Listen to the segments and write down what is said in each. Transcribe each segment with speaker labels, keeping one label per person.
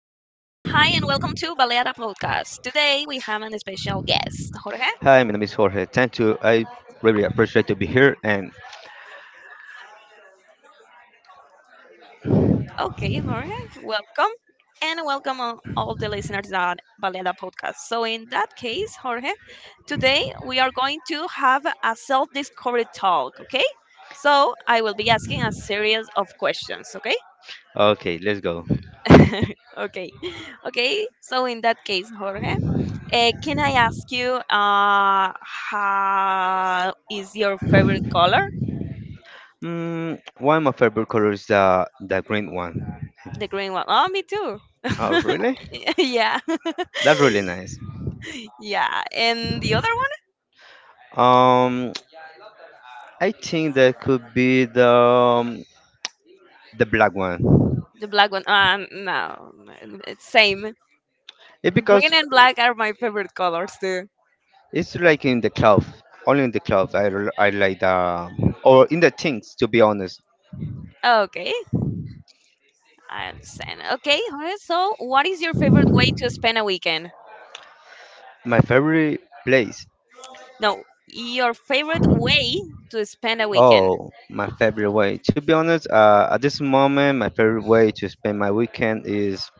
Speaker 1: Today we have an special guest, Jorge.
Speaker 2: Hi, my name is Jorge. Thank you. I really appreciate to be here. And
Speaker 1: Okay, Jorge, welcome, and welcome all the listeners at Balera Podcast. So, in that case, Jorge, today we are going to have a self-discovery talk. Okay, so I will be asking a series of questions. Okay,
Speaker 2: okay, let's go.
Speaker 1: okay, okay, so in that case, Jorge, can I ask you how is your favorite color?
Speaker 2: One of my favorite colors is the green one.
Speaker 1: The green one. Oh, me too.
Speaker 2: Oh, really?
Speaker 1: Yeah.
Speaker 2: That's really nice.
Speaker 1: Yeah, and the other
Speaker 2: Um, I think that could be the the black one.
Speaker 1: one, the black one. No, it's same.
Speaker 2: It because
Speaker 1: Green and black are my favorite colors too.
Speaker 2: it's like in the cloth, only in the cloth. I like the or in the things. To be honest,
Speaker 1: Okay, I understand. Okay, Jorge, so what is your favorite way to spend a weekend?
Speaker 2: my favorite place
Speaker 1: No, your favorite way to spend a weekend.
Speaker 2: oh, my favorite way. To be honest, at this moment, my favorite way to spend my weekend is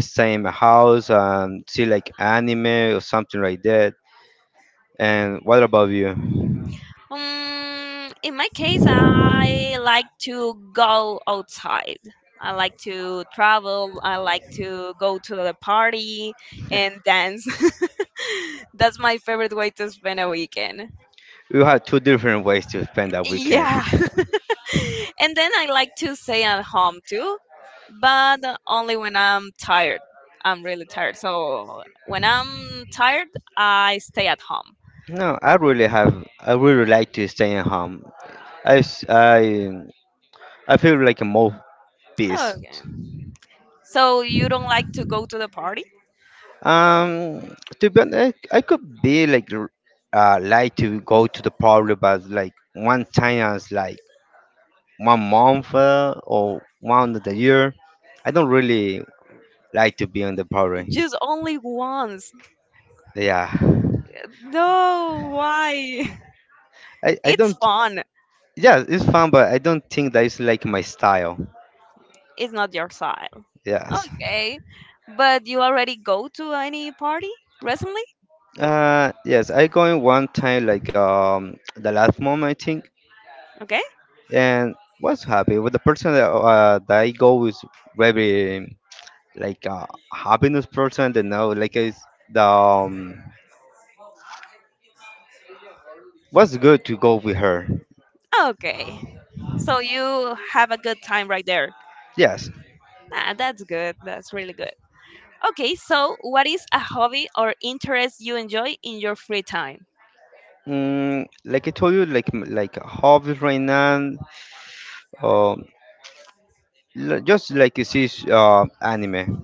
Speaker 2: stay in my house and see like anime or something like that. And what about you?
Speaker 1: In my case, I like to go outside. I like to travel. I like to go to the party and dance. That's my favorite way to spend a weekend.
Speaker 2: You have two different ways to spend that weekend.
Speaker 1: Yeah. And then I like to stay at home too, but only when I'm tired. I'm really tired. So when I'm tired, I stay at home.
Speaker 2: No, I really have. I really like to stay at home. I, s- I, I feel like a more peace.
Speaker 1: Okay. So you don't like to go to the party?
Speaker 2: To be honest, I could be like like to go to the party, but like one time I was like. One month or one of the year. I don't really like to be on the party.
Speaker 1: Just only once.
Speaker 2: Yeah,
Speaker 1: No, why?
Speaker 2: I, I
Speaker 1: It's
Speaker 2: don't.
Speaker 1: fun.
Speaker 2: Yeah, it's fun, but I don't think that is like my style.
Speaker 1: It's not your style.
Speaker 2: Yes.
Speaker 1: Okay. But you already go to any party recently?
Speaker 2: Yes, I going one time like the last month I think,
Speaker 1: Okay.
Speaker 2: and was happy with the person that that I go with very, like happiness person. That know like is the was good to go with her.
Speaker 1: Okay. So you have a good time right there.
Speaker 2: Yes.
Speaker 1: Ah, that's good. That's really good. Okay, so what is a hobby or interest you enjoy in your free time?
Speaker 2: Like I told you, like hobbies right now, um, just like you see anime,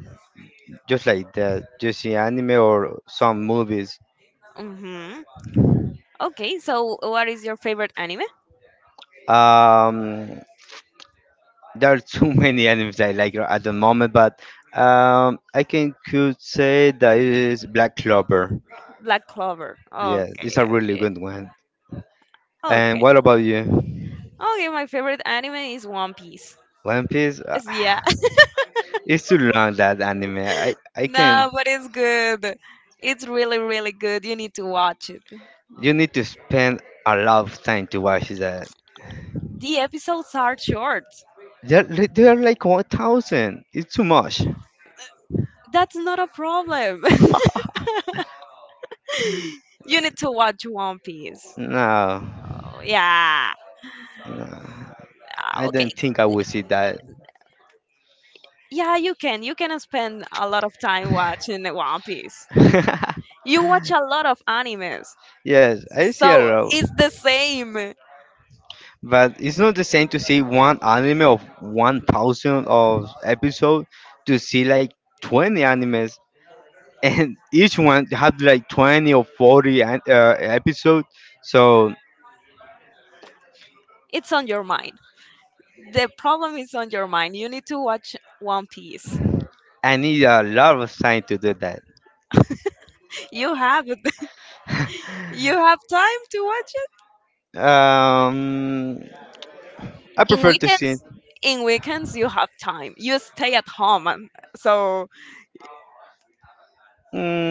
Speaker 2: just like that, just see anime or some movies.
Speaker 1: Mm-hmm. Okay, so what is your favorite anime?
Speaker 2: Um, there are too many animes I like at the moment, but I can could say that it is Black Clover.
Speaker 1: Black Clover.
Speaker 2: Yeah, it's a
Speaker 1: Okay,
Speaker 2: really
Speaker 1: okay.
Speaker 2: good one. And
Speaker 1: Okay.
Speaker 2: what about you?
Speaker 1: Okay, my favorite anime is One Piece.
Speaker 2: One Piece?
Speaker 1: Yes. Yeah.
Speaker 2: Ah, it's too long that anime. I can.
Speaker 1: No, but it's good. It's really, really good. You need to watch it.
Speaker 2: You need to spend a lot of time to watch that.
Speaker 1: The episodes are short.
Speaker 2: There are like 1,000. It's too much.
Speaker 1: That's not a problem. You need to watch One Piece.
Speaker 2: No,
Speaker 1: Oh, yeah.
Speaker 2: no,
Speaker 1: Ah,
Speaker 2: I
Speaker 1: okay.
Speaker 2: don't think I will see that.
Speaker 1: Yeah, you can. You can spend a lot of time watching the One Piece. You watch a lot of animes.
Speaker 2: Yes, I see a
Speaker 1: So
Speaker 2: lot.
Speaker 1: it's the same.
Speaker 2: But it's not the same to see one anime of 1,000 of episode to see like 20 animes. And each one have like 20 or 40 episode. So
Speaker 1: It's on your mind. The problem is on your mind. You need to watch One Piece.
Speaker 2: I need a lot of time to do that.
Speaker 1: You have you have time to watch
Speaker 2: Um, I
Speaker 1: in
Speaker 2: prefer to see.
Speaker 1: weekends. In weekends you have time, you stay at home, so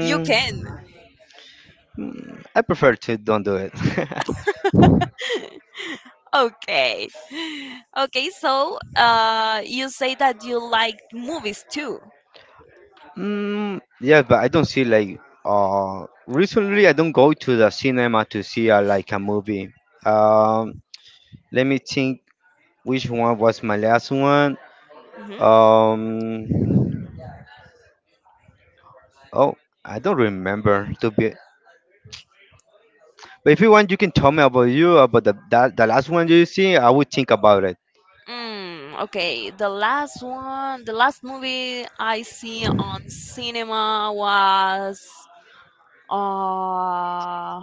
Speaker 1: you can.
Speaker 2: I prefer to don't do it.
Speaker 1: Okay. Okay, so you say that you like movies too.
Speaker 2: Mm, yeah, but I don't see like recently I don't go to the cinema to see like a movie. Um, Let me think which one was my last one.
Speaker 1: Hmm.
Speaker 2: Um, oh, I don't remember to be. But if you want, you can tell me about you about the last one you see. I would think about it.
Speaker 1: Mm, okay, the last one, the last movie I see on cinema was uh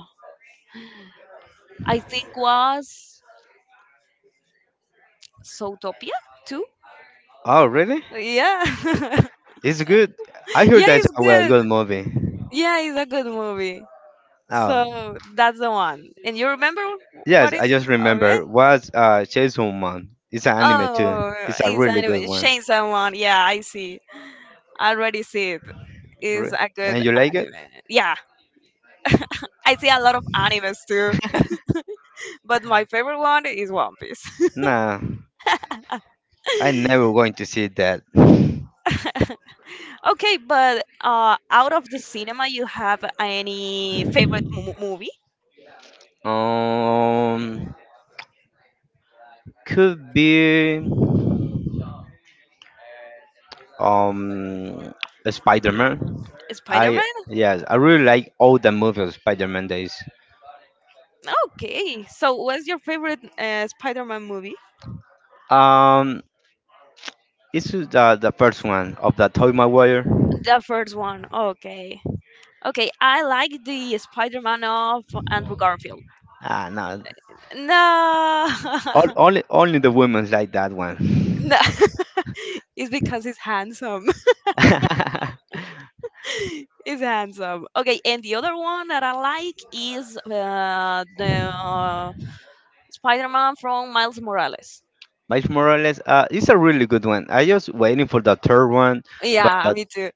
Speaker 1: I think was Zootopia too.
Speaker 2: Oh, really?
Speaker 1: Yeah.
Speaker 2: It's good. I heard
Speaker 1: Yeah,
Speaker 2: that's
Speaker 1: it's
Speaker 2: a well
Speaker 1: good.
Speaker 2: good movie.
Speaker 1: Yeah, it's a good movie.
Speaker 2: Oh,
Speaker 1: So that's the one. And you remember what
Speaker 2: yes,
Speaker 1: is?
Speaker 2: I just
Speaker 1: Okay?
Speaker 2: remember was Chainsaw Man. It's an anime too.
Speaker 1: Oh,
Speaker 2: It's a
Speaker 1: it's
Speaker 2: really
Speaker 1: anime.
Speaker 2: good one.
Speaker 1: Chainsaw someone. Yeah, I see. I already see it. It's
Speaker 2: Re-
Speaker 1: a good
Speaker 2: And you like it?
Speaker 1: anime. Yeah, I see a lot of animes too, but my favorite one is One Piece.
Speaker 2: Nah, I never going to see that.
Speaker 1: Okay, but out of the cinema, you have any favorite movie?
Speaker 2: Um, could be um Spider-Man. I
Speaker 1: Spider-Man.
Speaker 2: yes, I really like all the movies of Spider-Man days.
Speaker 1: Okay, so what's your favorite Spider-Man movie?
Speaker 2: Um, it's the first one of the Toy Maguire.
Speaker 1: The first one. Okay. Okay, I like the Spider-Man of Andrew Garfield.
Speaker 2: Ah, no,
Speaker 1: No.
Speaker 2: all, only only the women like that one.
Speaker 1: No. It's because he's handsome. He's handsome. Okay, and the other one that I like is the Spider-Man from Miles Morales.
Speaker 2: Miles Morales, it's a really good one. I just waiting for the third one,
Speaker 1: Yeah,
Speaker 2: but
Speaker 1: me too.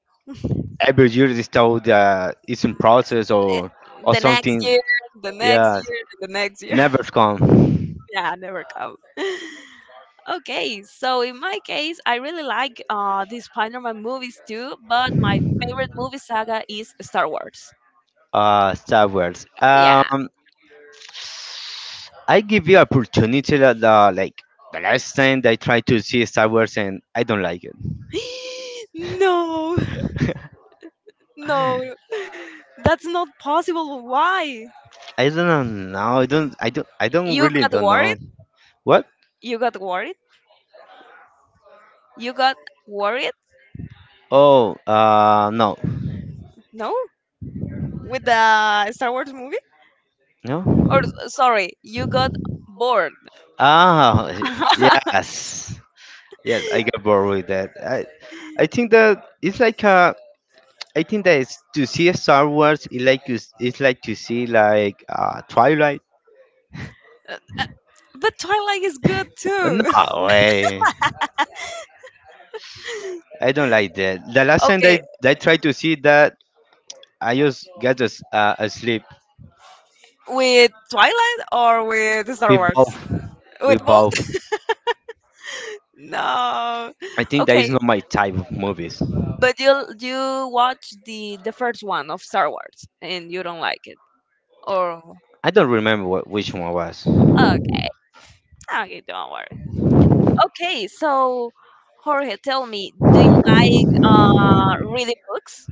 Speaker 2: every year is told that it's in process
Speaker 1: Eh,
Speaker 2: or
Speaker 1: the next
Speaker 2: something.
Speaker 1: year, the next
Speaker 2: Yes,
Speaker 1: year, the next year.
Speaker 2: never come.
Speaker 1: Yeah, never come. Okay, so in my case, I really like the Spider-Man movies too, but my favorite movie saga is Star Wars.
Speaker 2: Star Wars.
Speaker 1: Yeah.
Speaker 2: I give you opportunity that like the last time I tried to see Star Wars and I don't like it.
Speaker 1: No, no, that's not possible. Why?
Speaker 2: I don't know. No, I don't. I don't. I don't
Speaker 1: You
Speaker 2: really
Speaker 1: got
Speaker 2: don't know.
Speaker 1: worried?
Speaker 2: What?
Speaker 1: You got worried? You got worried?
Speaker 2: Oh, no,
Speaker 1: No, with the Star Wars movie?
Speaker 2: no.
Speaker 1: Or sorry, you got bored.
Speaker 2: Ah, yes, yes. I got bored with that. I think that it's like a I think that it's, to see a Star Wars is like it's like to see like Twilight.
Speaker 1: But Twilight is good too.
Speaker 2: No way. I don't like that. The last time that I,
Speaker 1: Okay,
Speaker 2: that I tried to see that, I just got asleep.
Speaker 1: with Twilight or with Star
Speaker 2: We
Speaker 1: Wars?
Speaker 2: both, we
Speaker 1: With both?
Speaker 2: both.
Speaker 1: No.
Speaker 2: I think that is
Speaker 1: Okay,
Speaker 2: not my type of movies.
Speaker 1: but you watch the first one of Star Wars and you don't like it, or
Speaker 2: I don't remember which one was.
Speaker 1: okay, okay, don't worry. Okay, so Jorge, tell me, do you like reading books?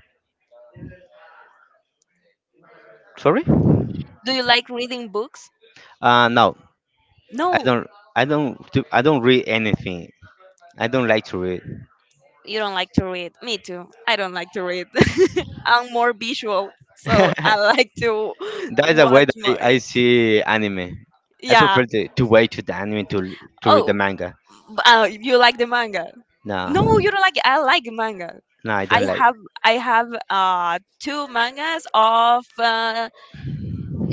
Speaker 2: Sorry?
Speaker 1: Do you like reading books?
Speaker 2: No, I
Speaker 1: No,
Speaker 2: don't. I don't. I don't read anything. I don't like to
Speaker 1: you don't like to read. Me too. I don't like to read. I'm more visual, so
Speaker 2: read.
Speaker 1: I like to
Speaker 2: That is the way
Speaker 1: watch
Speaker 2: that I,
Speaker 1: more.
Speaker 2: I see anime. I
Speaker 1: Yeah.
Speaker 2: prefer to wait to the anime to read the
Speaker 1: Oh,
Speaker 2: manga.
Speaker 1: you like the manga?
Speaker 2: No,
Speaker 1: No, you don't like it. I like manga.
Speaker 2: no, I
Speaker 1: I
Speaker 2: don't like.
Speaker 1: have I have two mangas of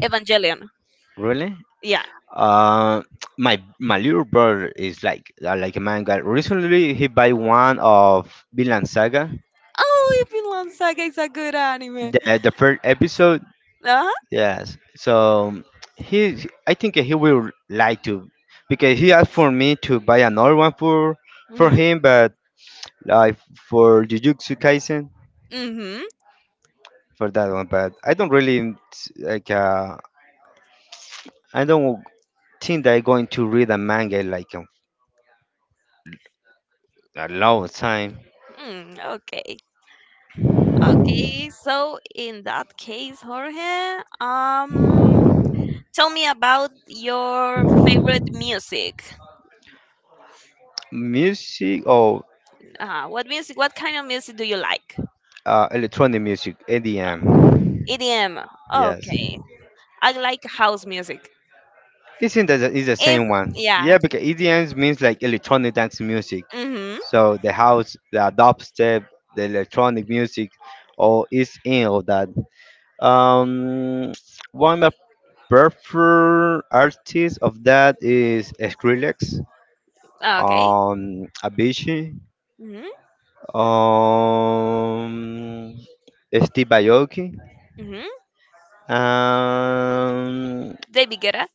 Speaker 1: Evangelion.
Speaker 2: Really?
Speaker 1: Yeah.
Speaker 2: Uh, my little brother is like a manga. Recently, he buy one of Vinland Saga,
Speaker 1: Oh, if you love Saga is a good anime.
Speaker 2: the first episode.
Speaker 1: Uh-huh.
Speaker 2: Yes. So I think he will like to, because he asked for me to buy another one for
Speaker 1: Mhm.
Speaker 2: him, but like for Jujutsu Kaisen.
Speaker 1: Mhm.
Speaker 2: For that one, but I don't really like. I don't think that I'm going to read a manga like a long time.
Speaker 1: Mm, okay. Okay. So in that case, Jorge, tell me about your favorite music.
Speaker 2: Music or
Speaker 1: What music, what kind of music do you like?
Speaker 2: electronic music, EDM.
Speaker 1: EDM.
Speaker 2: Yes,
Speaker 1: Okay. I like house music.
Speaker 2: this thing that is the
Speaker 1: If
Speaker 2: same one. Yeah,
Speaker 1: yeah.
Speaker 2: because EDM means like electronic dance music.
Speaker 1: Mhm.
Speaker 2: So the house, the dubstep, the electronic music, all is in all that. Um, One of my preferred artists of that is Skrillex,
Speaker 1: Okay.
Speaker 2: Abishi,
Speaker 1: Hmm.
Speaker 2: um, Steve Aoki.
Speaker 1: Hmm.
Speaker 2: um,
Speaker 1: David Guetta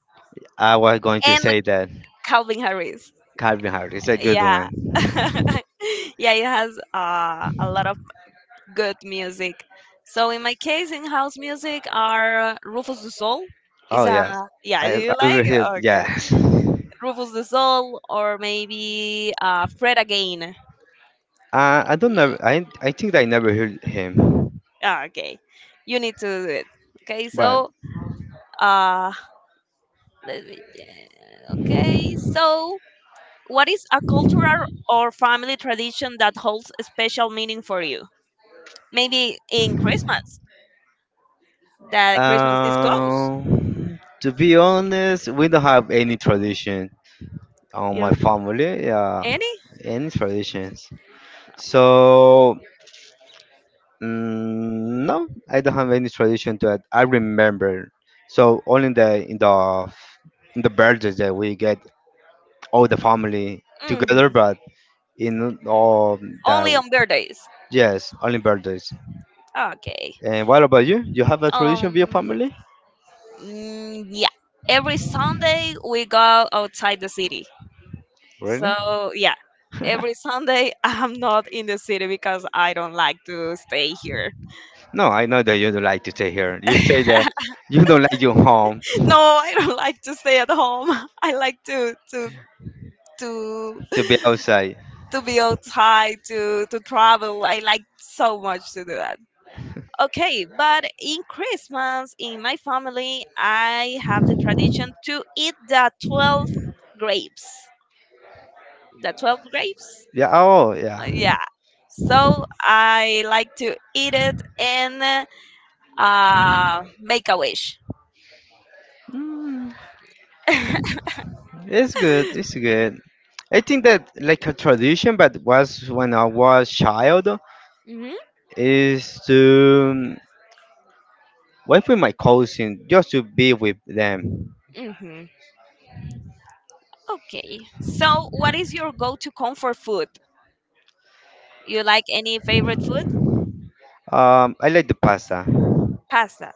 Speaker 2: I was going to
Speaker 1: and
Speaker 2: say that
Speaker 1: Calvin Harris.
Speaker 2: Calvin Harris is a good
Speaker 1: Yeah.
Speaker 2: one.
Speaker 1: Yeah, it has a lot of good music. So in my case, in house music are Rufus the Soul. Is
Speaker 2: Oh, yes,
Speaker 1: a yeah? Do
Speaker 2: I
Speaker 1: you
Speaker 2: I
Speaker 1: like
Speaker 2: really
Speaker 1: it?
Speaker 2: heard
Speaker 1: Okay.
Speaker 2: yes.
Speaker 1: Rufus the Soul or maybe Fred again?
Speaker 2: I don't
Speaker 1: Y-
Speaker 2: know. I think I never heard him,
Speaker 1: ah, okay, you need to do it. Okay,
Speaker 2: but
Speaker 1: so uh, let me. Yeah, okay, so what is a cultural or family tradition that holds a special meaning for you? Maybe in Christmas, that Christmas is close.
Speaker 2: to be honest, we don't have any tradition on
Speaker 1: You
Speaker 2: my
Speaker 1: don't
Speaker 2: family. Yeah,
Speaker 1: any?
Speaker 2: any traditions. So, no, I don't have any tradition to it. I remember. So only in the birthdays that we get all the family together,
Speaker 1: Hmm.
Speaker 2: but in all that,
Speaker 1: Only on birthdays.
Speaker 2: yes, only birthdays.
Speaker 1: Okay.
Speaker 2: And what about you? You have a tradition with your
Speaker 1: Um.
Speaker 2: family?
Speaker 1: Mm, yeah. Every Sunday we go outside the city.
Speaker 2: Really?
Speaker 1: So yeah, every Sunday I'm not in the city because I don't like to stay here.
Speaker 2: No, I know that you don't like to stay here. You say that
Speaker 1: No,
Speaker 2: you don't like your home
Speaker 1: I don't like to stay at home. I like to to
Speaker 2: to be outside.
Speaker 1: to be outside, to travel. I like so much to do that. Okay, but in Christmas, in my family I have the tradition to eat the 12 grapes, the 12 grapes.
Speaker 2: Yeah. Oh, yeah.
Speaker 1: Yeah, so I like to eat it and make a wish.
Speaker 2: Mm, it's good. It's good. I think that like a tradition, but was when I was child,
Speaker 1: Hmm.
Speaker 2: is to wife with my cousin just to be with them.
Speaker 1: Hmm. Okay, so what is your go-to comfort food? You like any favorite food?
Speaker 2: I like the pasta.
Speaker 1: Pasta.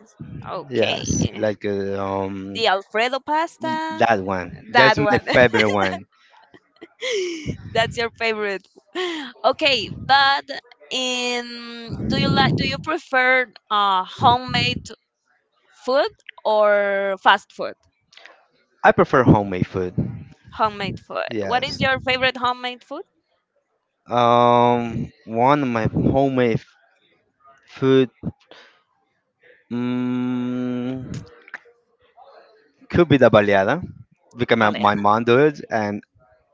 Speaker 1: Okay.
Speaker 2: Yes, like
Speaker 1: The Alfredo pasta.
Speaker 2: that one. That's
Speaker 1: That
Speaker 2: my
Speaker 1: one.
Speaker 2: favorite one.
Speaker 1: That's your favorite. Okay, but in do you like, do you prefer homemade food or fast food?
Speaker 2: I prefer homemade food.
Speaker 1: Homemade food. What
Speaker 2: Yes.
Speaker 1: is your favorite homemade food?
Speaker 2: One of my homemade food, mm, could be the baleada, because my
Speaker 1: Baleada.
Speaker 2: mom do it, and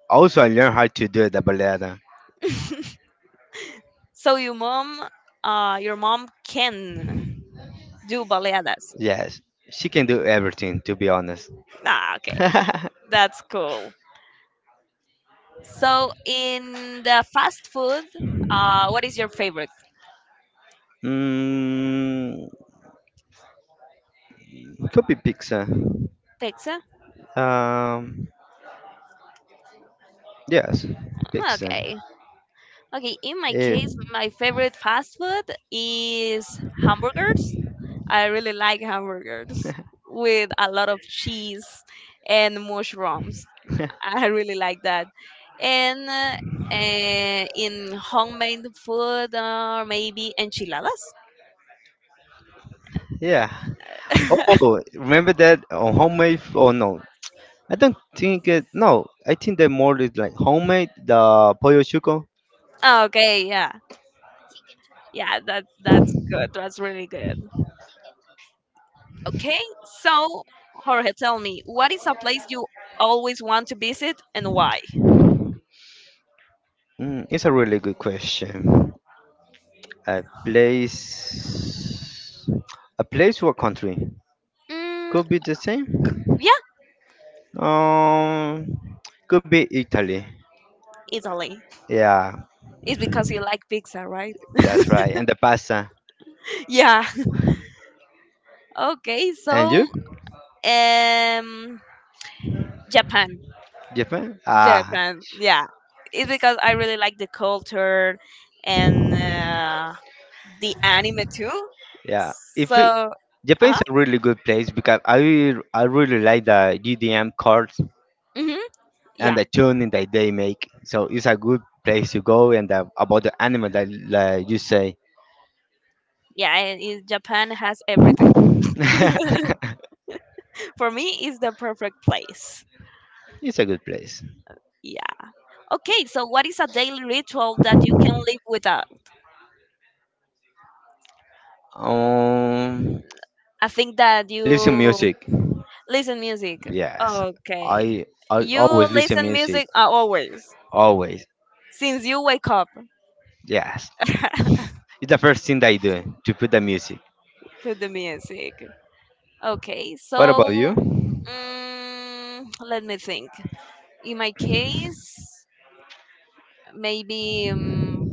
Speaker 2: also I learned how to do the baleada.
Speaker 1: So your mom can do baleadas.
Speaker 2: Yes, she can do
Speaker 1: Mhm.
Speaker 2: everything, to be honest.
Speaker 1: Ah, okay. That's cool. So in the fast food, what is your favorite?
Speaker 2: mm, could be pizza.
Speaker 1: Pizza?
Speaker 2: Um, yes, pizza.
Speaker 1: Okay. Okay, in my
Speaker 2: Eh,
Speaker 1: case, my favorite fast food is hamburgers. I really like hamburgers with a lot of cheese and mushrooms. I really like that. And in homemade food, or maybe enchiladas.
Speaker 2: yeah. Oh, remember that on homemade? Oh, no, I don't think it. No, I think that more is like homemade. The pollo chuco.
Speaker 1: Okay, yeah, yeah, that that's good. That's really good. Okay, so Jorge, tell me, what is a place you always want to visit and why?
Speaker 2: It's a really good question. A place, a place or country
Speaker 1: Mm,
Speaker 2: could be the same.
Speaker 1: yeah.
Speaker 2: Um, could be Italy.
Speaker 1: Italy.
Speaker 2: Yeah,
Speaker 1: It's because you like pizza, right?
Speaker 2: that's right. And the pasta.
Speaker 1: Yeah. Okay,
Speaker 2: And
Speaker 1: so
Speaker 2: you?
Speaker 1: um Japan.
Speaker 2: Japan? Ah,
Speaker 1: Japan. Yeah. It's because I really like the culture and the anime too.
Speaker 2: yeah. If it,
Speaker 1: So,
Speaker 2: Japan
Speaker 1: uh
Speaker 2: is a really good place because I really like the GDM cards
Speaker 1: hmm.
Speaker 2: and
Speaker 1: Yeah.
Speaker 2: the tuning that they make. So it's a good place to go and about the animal that like you say.
Speaker 1: Yeah, and it- Japan has everything. For me, it's the perfect place.
Speaker 2: It's a good place.
Speaker 1: Yeah. Okay, so what is a daily ritual that you can live without?
Speaker 2: Um,
Speaker 1: I think that
Speaker 2: Listen
Speaker 1: you
Speaker 2: music.
Speaker 1: listen music.
Speaker 2: Yes,
Speaker 1: Okay.
Speaker 2: I
Speaker 1: You
Speaker 2: always listen
Speaker 1: listen
Speaker 2: music.
Speaker 1: music, always
Speaker 2: Always.
Speaker 1: since you wake up.
Speaker 2: Yes, it's the first thing that I do, to put the music.
Speaker 1: Put the music. Okay.
Speaker 2: What about
Speaker 1: So,
Speaker 2: you?
Speaker 1: mm, let me think. In my case, maybe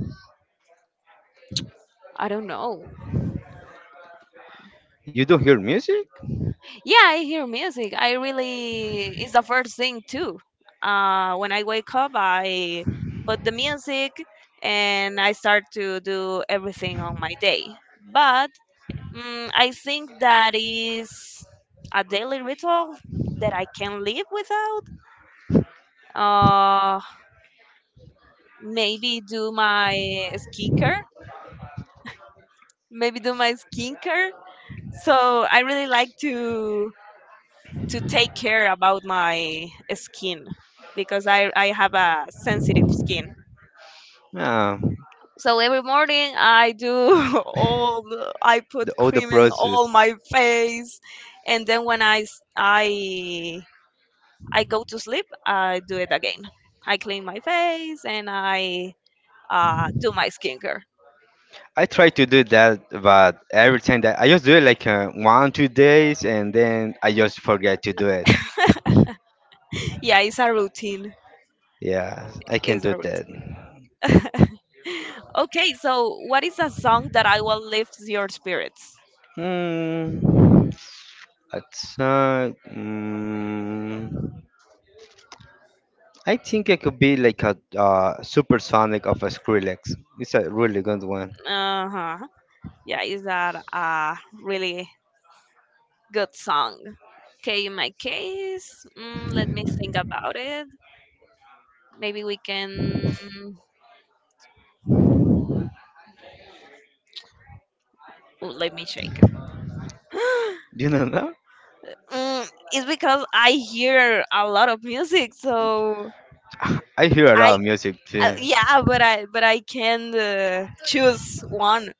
Speaker 1: I don't know.
Speaker 2: You do hear music?
Speaker 1: Yeah, I hear music. I really it's the first thing too. When I wake up, I put the music and I start to do everything on my day. But mm, I think that is a daily ritual that I can live without. Uh, Maybe do my skincare. Maybe do my skincare. So I really like to take care about my skin because I have a sensitive skin.
Speaker 2: Yeah,
Speaker 1: So every morning I do all the- I put
Speaker 2: all the
Speaker 1: cream in all
Speaker 2: process.
Speaker 1: my face, and then when I go to sleep, I do it again. I clean my face and I do my skincare.
Speaker 2: I try to do that, but every time that I just do it like one, 2 days, and then I just forget to do it.
Speaker 1: Yeah, it's a routine.
Speaker 2: Yeah, I can
Speaker 1: It's a
Speaker 2: do that.
Speaker 1: routine. Okay, so what is a song that I will lift your spirits?
Speaker 2: Hmm. Outside. I think it could be like a supersonic of a Skrillex. It's a really good one.
Speaker 1: Uh huh. Yeah, is that a really good song? Okay, in my case, mm, let me think about it. Maybe we can. Oh, let me shake.
Speaker 2: Do you know that?
Speaker 1: Mm, it's because I hear a lot of music, so
Speaker 2: I hear a
Speaker 1: I
Speaker 2: lot of music too.
Speaker 1: yeah, but I can choose one.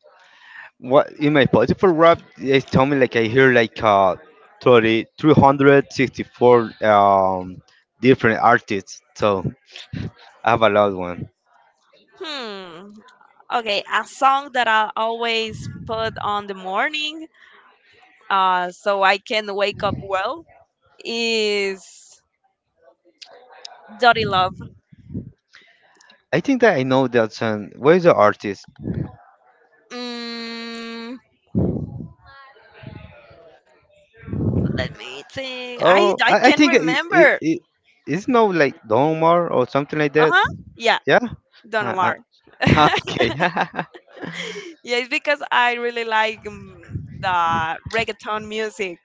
Speaker 2: What in my Spotify rap they tell me, like, I hear like 30, 364 different artists. So I have a lot one.
Speaker 1: Hmm. Okay, a song that I always put on the morning, so I can wake up well is "Dirty Love."
Speaker 2: I think that I know that song. Where is the artist?
Speaker 1: Mm, let me think.
Speaker 2: Oh,
Speaker 1: I
Speaker 2: I
Speaker 1: can't
Speaker 2: think it, it,
Speaker 1: remember.
Speaker 2: it it's no like Domar or something like
Speaker 1: Uh
Speaker 2: that.
Speaker 1: huh. Yeah,
Speaker 2: Yeah.
Speaker 1: Don
Speaker 2: Uh,
Speaker 1: Omar.
Speaker 2: okay.
Speaker 1: Yeah, it's because I really like mm, the reggaeton music.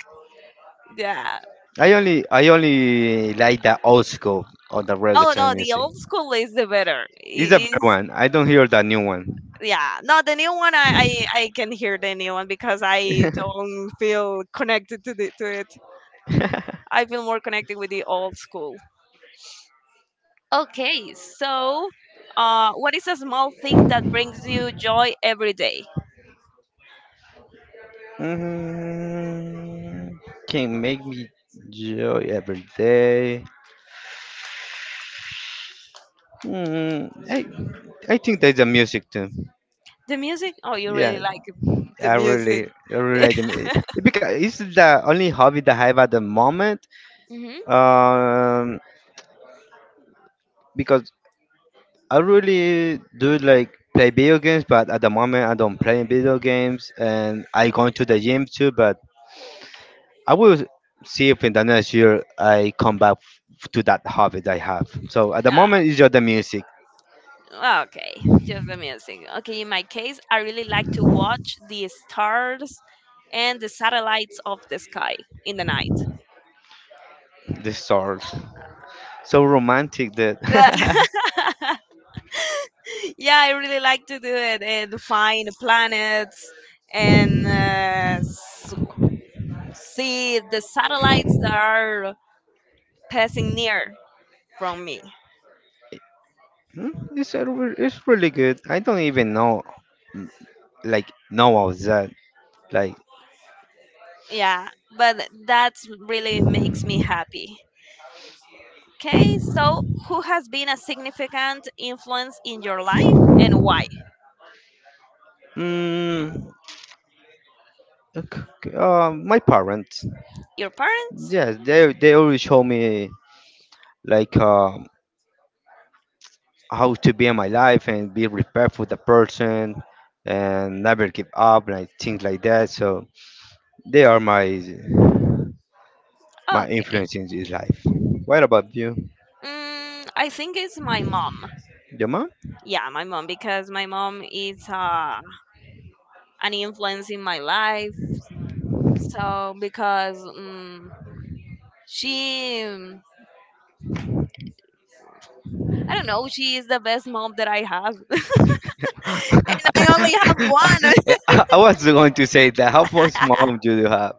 Speaker 1: Yeah.
Speaker 2: I only like the old school or the
Speaker 1: Oh
Speaker 2: reggaeton
Speaker 1: no, the
Speaker 2: music.
Speaker 1: old school is the better.
Speaker 2: It's a
Speaker 1: It
Speaker 2: better
Speaker 1: is
Speaker 2: one. I don't hear the new one.
Speaker 1: yeah. No, the new one I can hear the new one because I don't feel connected to the to it. I feel more connected with the old school. Okay, so what is a small thing that brings you joy every day?
Speaker 2: Mm, can make me joy every day. Mm, I I think there's a music too.
Speaker 1: The music. Oh, you
Speaker 2: Yeah,
Speaker 1: really like the
Speaker 2: I
Speaker 1: music.
Speaker 2: really I really like because it's the only hobby that I have at the moment.
Speaker 1: Hmm.
Speaker 2: Um, because I really do like play video games, but at the moment I don't play video games, and I go to the gym too, but I will see if in the next year I come back to that habit I have. So at the moment, it's just the music,
Speaker 1: Okay, just the music. Okay, in my case, I really like to watch the stars and the satellites of the sky in the night.
Speaker 2: the stars. So romantic that.
Speaker 1: Yeah, I really like to do it and find planets and see the satellites that are passing near from me.
Speaker 2: Hmm, it's it's really good. I don't even know like know of that. Like,
Speaker 1: Yeah, but that really makes me happy. Okay, so who has been a significant influence in your life and why?
Speaker 2: mm, ok, my parents,
Speaker 1: Your parents?
Speaker 2: yes, they always show me like how to be in my life and be prepared for the person and never give up, like things like that. So they are my
Speaker 1: Okay.
Speaker 2: influence in his life. What about you,
Speaker 1: Mm, I think it's my mom.
Speaker 2: your mom?
Speaker 1: Yeah, my mom because my mom is an influence in my life. So because mm, she, mm, I don't know, she is the best mom that I have, and I only have
Speaker 2: I was going to say that. How much
Speaker 1: one.
Speaker 2: mom do you have?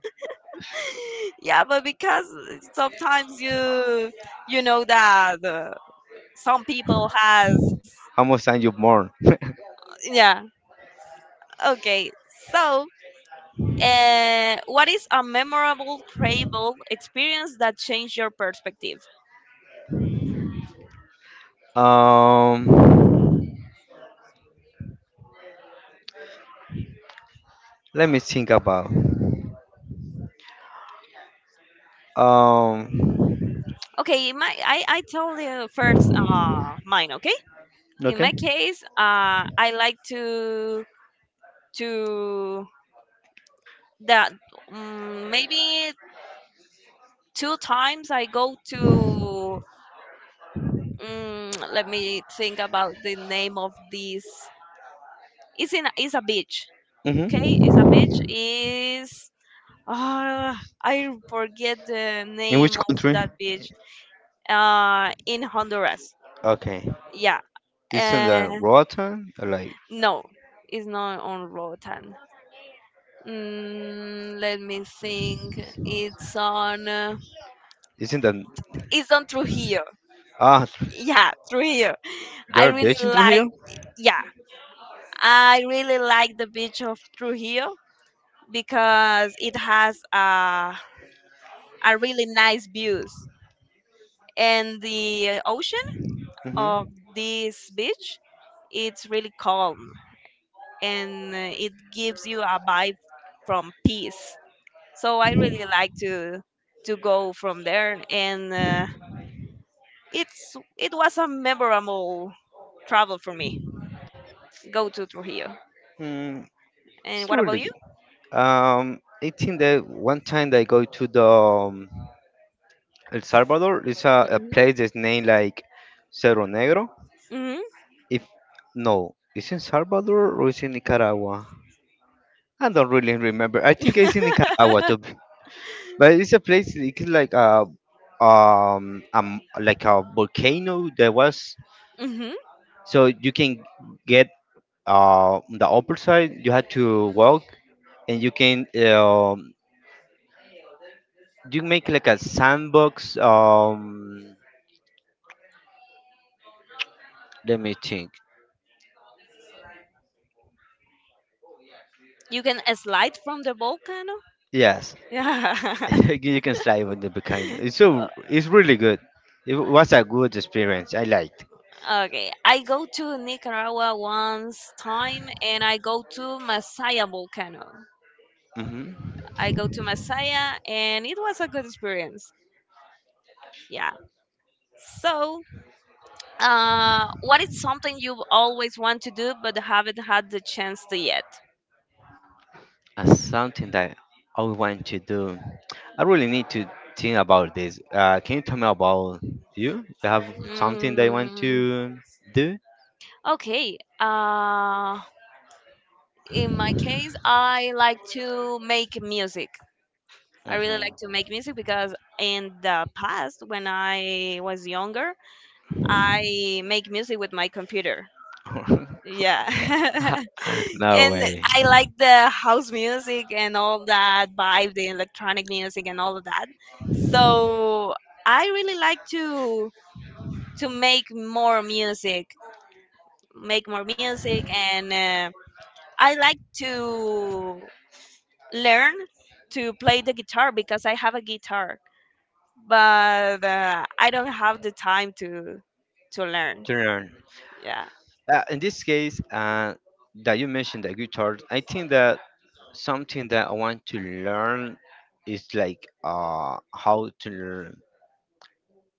Speaker 1: Yeah, but because sometimes you you know that some people has
Speaker 2: How much time you born?
Speaker 1: yeah. Okay, so what is a memorable travel experience that changed your perspective?
Speaker 2: Um, Let me think about. Um,
Speaker 1: Okay, I tell you first mine, okay? In
Speaker 2: okay.
Speaker 1: my case, I like to that mm maybe two times I go to let me think about the name of this. It's a beach. Okay, it's a beach.
Speaker 2: Mm-hmm.
Speaker 1: I forget the
Speaker 2: In which
Speaker 1: name of
Speaker 2: country?
Speaker 1: that beach. In Honduras.
Speaker 2: Okay.
Speaker 1: Yeah.
Speaker 2: Isn't that
Speaker 1: Uh,
Speaker 2: rotten? Like,
Speaker 1: no, it's not on Rotan. Let me think. It's on. Uh,
Speaker 2: isn't that
Speaker 1: it's on Trujillo.
Speaker 2: ah?
Speaker 1: Yeah, Trujillo. I
Speaker 2: They're
Speaker 1: really
Speaker 2: bitching through here.
Speaker 1: like. Yeah, I really like the beach of Trujillo because it has a really nice views and the ocean
Speaker 2: Hmm.
Speaker 1: of this beach, it's really calm and it gives you a vibe from peace. So I really like to go from there, and it was a memorable travel for me. Go to Trujillo.
Speaker 2: Mm,
Speaker 1: And
Speaker 2: it's
Speaker 1: what
Speaker 2: really
Speaker 1: about you?
Speaker 2: good. I think that one time that I go to the El Salvador, it's a
Speaker 1: Hmm.
Speaker 2: place that's named like Cerro Negro.
Speaker 1: Hmm.
Speaker 2: If no, it's in Salvador or it's in Nicaragua. I don't really remember. I think it's in Nicaragua too. But it's a place. It's like a volcano that was.
Speaker 1: Hmm.
Speaker 2: So you can get on the upper side. You had to walk, and you can you make like a sandbox. Let me think.
Speaker 1: You can slide from the volcano.
Speaker 2: Yes,
Speaker 1: Yeah.
Speaker 2: you can slide on the volcano. It's so it's really good. It was a good experience. I liked.
Speaker 1: Okay, I go to Nicaragua once time and I go to Masaya volcano.
Speaker 2: Hmm.
Speaker 1: I go to Masaya and it was a good experience. Yeah. So, what is something you've always want to do but haven't had the chance to yet?
Speaker 2: As something that I would want to do. I really need to think about this. Can you tell me about you? You have something that you want
Speaker 1: Mm,
Speaker 2: to do?
Speaker 1: okay. In my case, I like to make music. I really like to
Speaker 2: Hmm.
Speaker 1: make music because in the past, when I was younger, I make music with my computer. Yeah.
Speaker 2: No
Speaker 1: And
Speaker 2: way.
Speaker 1: I like the house music and all that vibe, the electronic music and all of that. So I really like to make more music and I like to learn to play the guitar because I have a guitar, but I don't have the time to learn.
Speaker 2: Turn.
Speaker 1: Yeah.
Speaker 2: In this case, that you mentioned the guitar, I think that something that I want to learn is like how to learn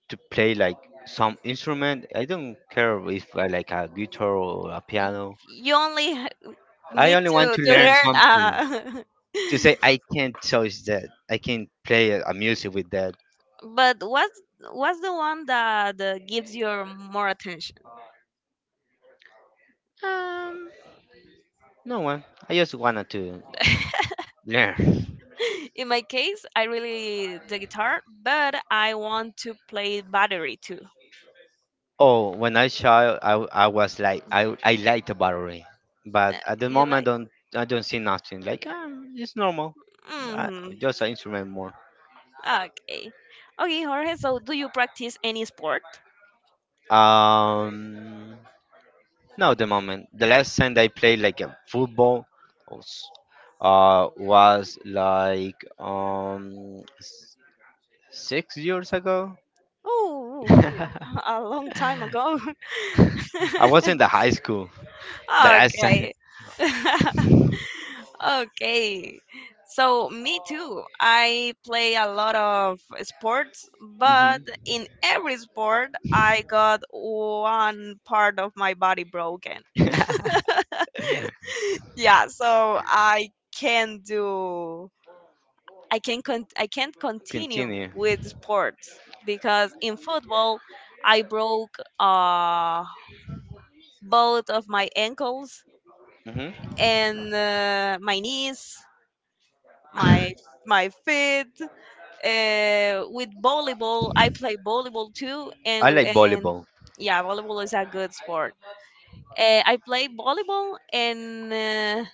Speaker 2: to play like some instrument. I don't care if I like a guitar or a piano.
Speaker 1: You only
Speaker 2: I
Speaker 1: need
Speaker 2: only
Speaker 1: to
Speaker 2: want to
Speaker 1: to
Speaker 2: learn
Speaker 1: learn
Speaker 2: something to say I can't touch that. I can't play a music with that.
Speaker 1: but what's the one that gives you more attention
Speaker 2: Um, no one. I just wanted to learn.
Speaker 1: in my case I really the guitar but I want to play battery too
Speaker 2: Oh, when I child, I was like I like the battery, but at the
Speaker 1: You
Speaker 2: moment
Speaker 1: like
Speaker 2: don't I don't see nothing. Like it's normal. I,
Speaker 1: mm
Speaker 2: just an instrument more.
Speaker 1: okay, okay, Jorge, so do you practice any sport?
Speaker 2: Um, no, the moment the last time I played like a football, was, was like 6 years ago.
Speaker 1: Oh,
Speaker 2: I
Speaker 1: a long time ago.
Speaker 2: was in the high school the last time.
Speaker 1: Okay. Okay. So me too. I play a lot of sports, but
Speaker 2: Hmm.
Speaker 1: in every sport I got one part of my body broken. Yeah, so I can't continue
Speaker 2: Continue.
Speaker 1: with sports because in football I broke both of my ankles
Speaker 2: Hmm.
Speaker 1: and my knees, my my feet with volleyball, I play volleyball too, and
Speaker 2: I
Speaker 1: with
Speaker 2: like
Speaker 1: and
Speaker 2: volleyball.
Speaker 1: yeah, volleyball is a good sport. I played volleyball and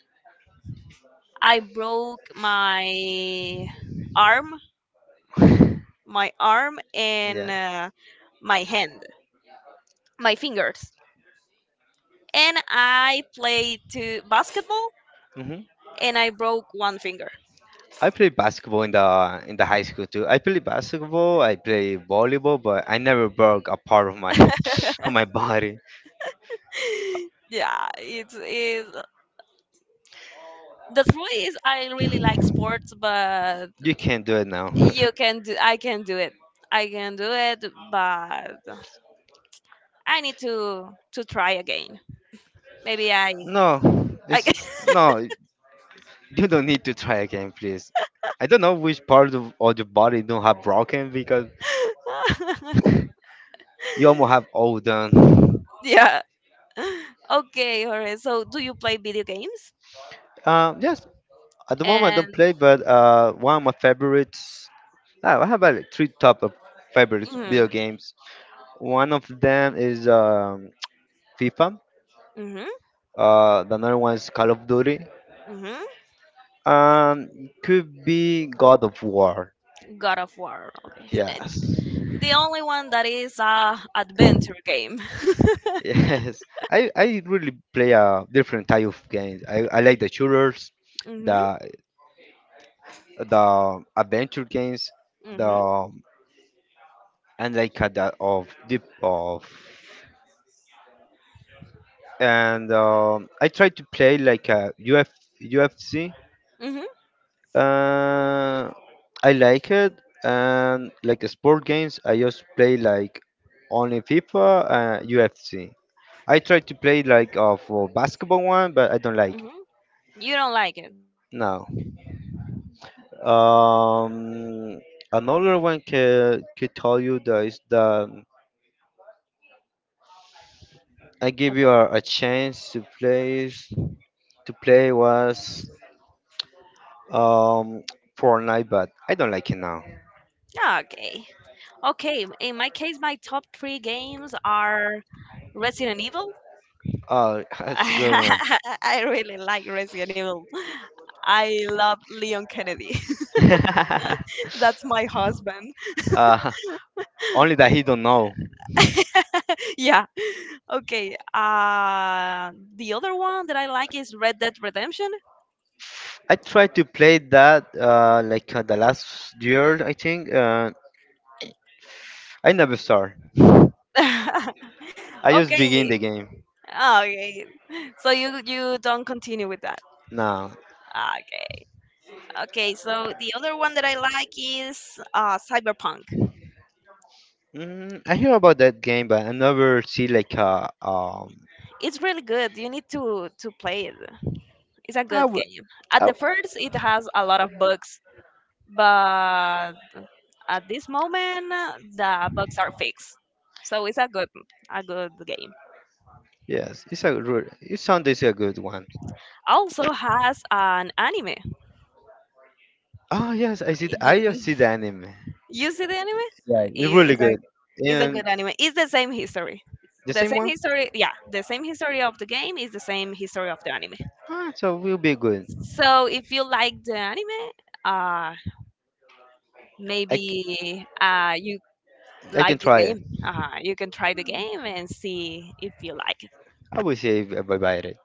Speaker 1: I broke arm, my arm and
Speaker 2: Yeah.
Speaker 1: my hand, my fingers, and I played to basketball
Speaker 2: Hmm.
Speaker 1: and I broke one finger.
Speaker 2: I play basketball in the high school too. I play basketball. I play volleyball, but I never broke a part of my of my body.
Speaker 1: Yeah, it's is the truth is I really like sports, but
Speaker 2: You can't do it now.
Speaker 1: you can do. I can do it but I need to try again maybe i
Speaker 2: No,
Speaker 1: i
Speaker 2: it's no. You don't need to try again, please. I don't know which part of your body don't have broken because you almost have all done.
Speaker 1: yeah okay Jorge so do you play video games?
Speaker 2: Yes, at the moment I don't
Speaker 1: and
Speaker 2: play, but one of my favorites. I have about like, three top of favorites video
Speaker 1: mm,
Speaker 2: games. One of them is FIFA.
Speaker 1: hmm.
Speaker 2: The another one is Call of Duty.
Speaker 1: Hmm.
Speaker 2: Um, could be God of War.
Speaker 1: God of War, okay.
Speaker 2: Yes.
Speaker 1: The only one that is a adventure game.
Speaker 2: Yes, I really play a different type of games. I like the shooters,
Speaker 1: Hmm.
Speaker 2: the the adventure games,
Speaker 1: Hmm.
Speaker 2: the and like the of deep of and I try to play like a UFC.
Speaker 1: Hmm.
Speaker 2: Uh, I like it and like the sport games. I just play like only FIFA and UFC. I try to play like of for basketball one, but I don't like it.
Speaker 1: Hmm. You don't like it?
Speaker 2: No. Um, Another one can could tell you that is that I give you a chance to play was um Fortnite, but I don't like it now.
Speaker 1: Okay, okay. Okay, in my case my top three games are Resident Evil.
Speaker 2: Oh, that's a good one.
Speaker 1: I really like Resident Evil. I love Leon Kennedy. That's my husband.
Speaker 2: Uh, only that he don't know.
Speaker 1: Yeah. Okay. The other one that I like is Red Dead Redemption.
Speaker 2: I tried to play that like the last year I think. I never start. I just begin
Speaker 1: Okay.
Speaker 2: the game
Speaker 1: Okay. So you don't continue with that.
Speaker 2: now.
Speaker 1: Okay. Okay. So the other one that I like is Cyberpunk.
Speaker 2: Mm, I hear about that game, but I never see like a
Speaker 1: It's really good. You need to play it. It's a
Speaker 2: I
Speaker 1: good
Speaker 2: will.
Speaker 1: game. At
Speaker 2: Oh,
Speaker 1: the first, it has a lot of bugs, but at this moment the bugs are fixed. So it's a good game.
Speaker 2: yes, it's a really, it sound is a good one.
Speaker 1: Also has an anime.
Speaker 2: Oh yes, I see. The, I just
Speaker 1: You,
Speaker 2: see the anime.
Speaker 1: you see the anime?
Speaker 2: Yeah,
Speaker 1: I-
Speaker 2: it's really
Speaker 1: It's a
Speaker 2: good.
Speaker 1: it's a
Speaker 2: And
Speaker 1: good anime. It's the same history.
Speaker 2: the
Speaker 1: The
Speaker 2: same
Speaker 1: same
Speaker 2: one.
Speaker 1: history, yeah. The same history of the game is the same history of the anime.
Speaker 2: Ah, so will be good.
Speaker 1: So if you like the anime, uh,
Speaker 2: I, c-
Speaker 1: maybe you
Speaker 2: I can
Speaker 1: like the
Speaker 2: try it.
Speaker 1: game. You can try the game and see if you like it.
Speaker 2: I will say if I buy it.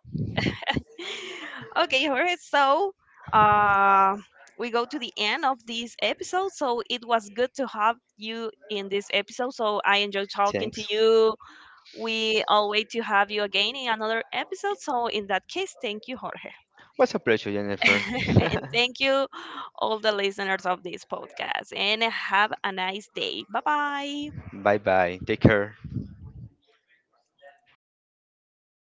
Speaker 1: Okay, Jorge. So, uh, we go to the end of this episode. So it was good to have you in this episode. So I enjoyed talking to
Speaker 2: Thanks.
Speaker 1: you. We all wait to have you again in another episode. So in that case, thank you, Jorge,
Speaker 2: What's a pleasure, Jennifer.
Speaker 1: and thank you all the listeners of this podcast. And have a nice day. Bye bye.
Speaker 2: Bye bye. Take care.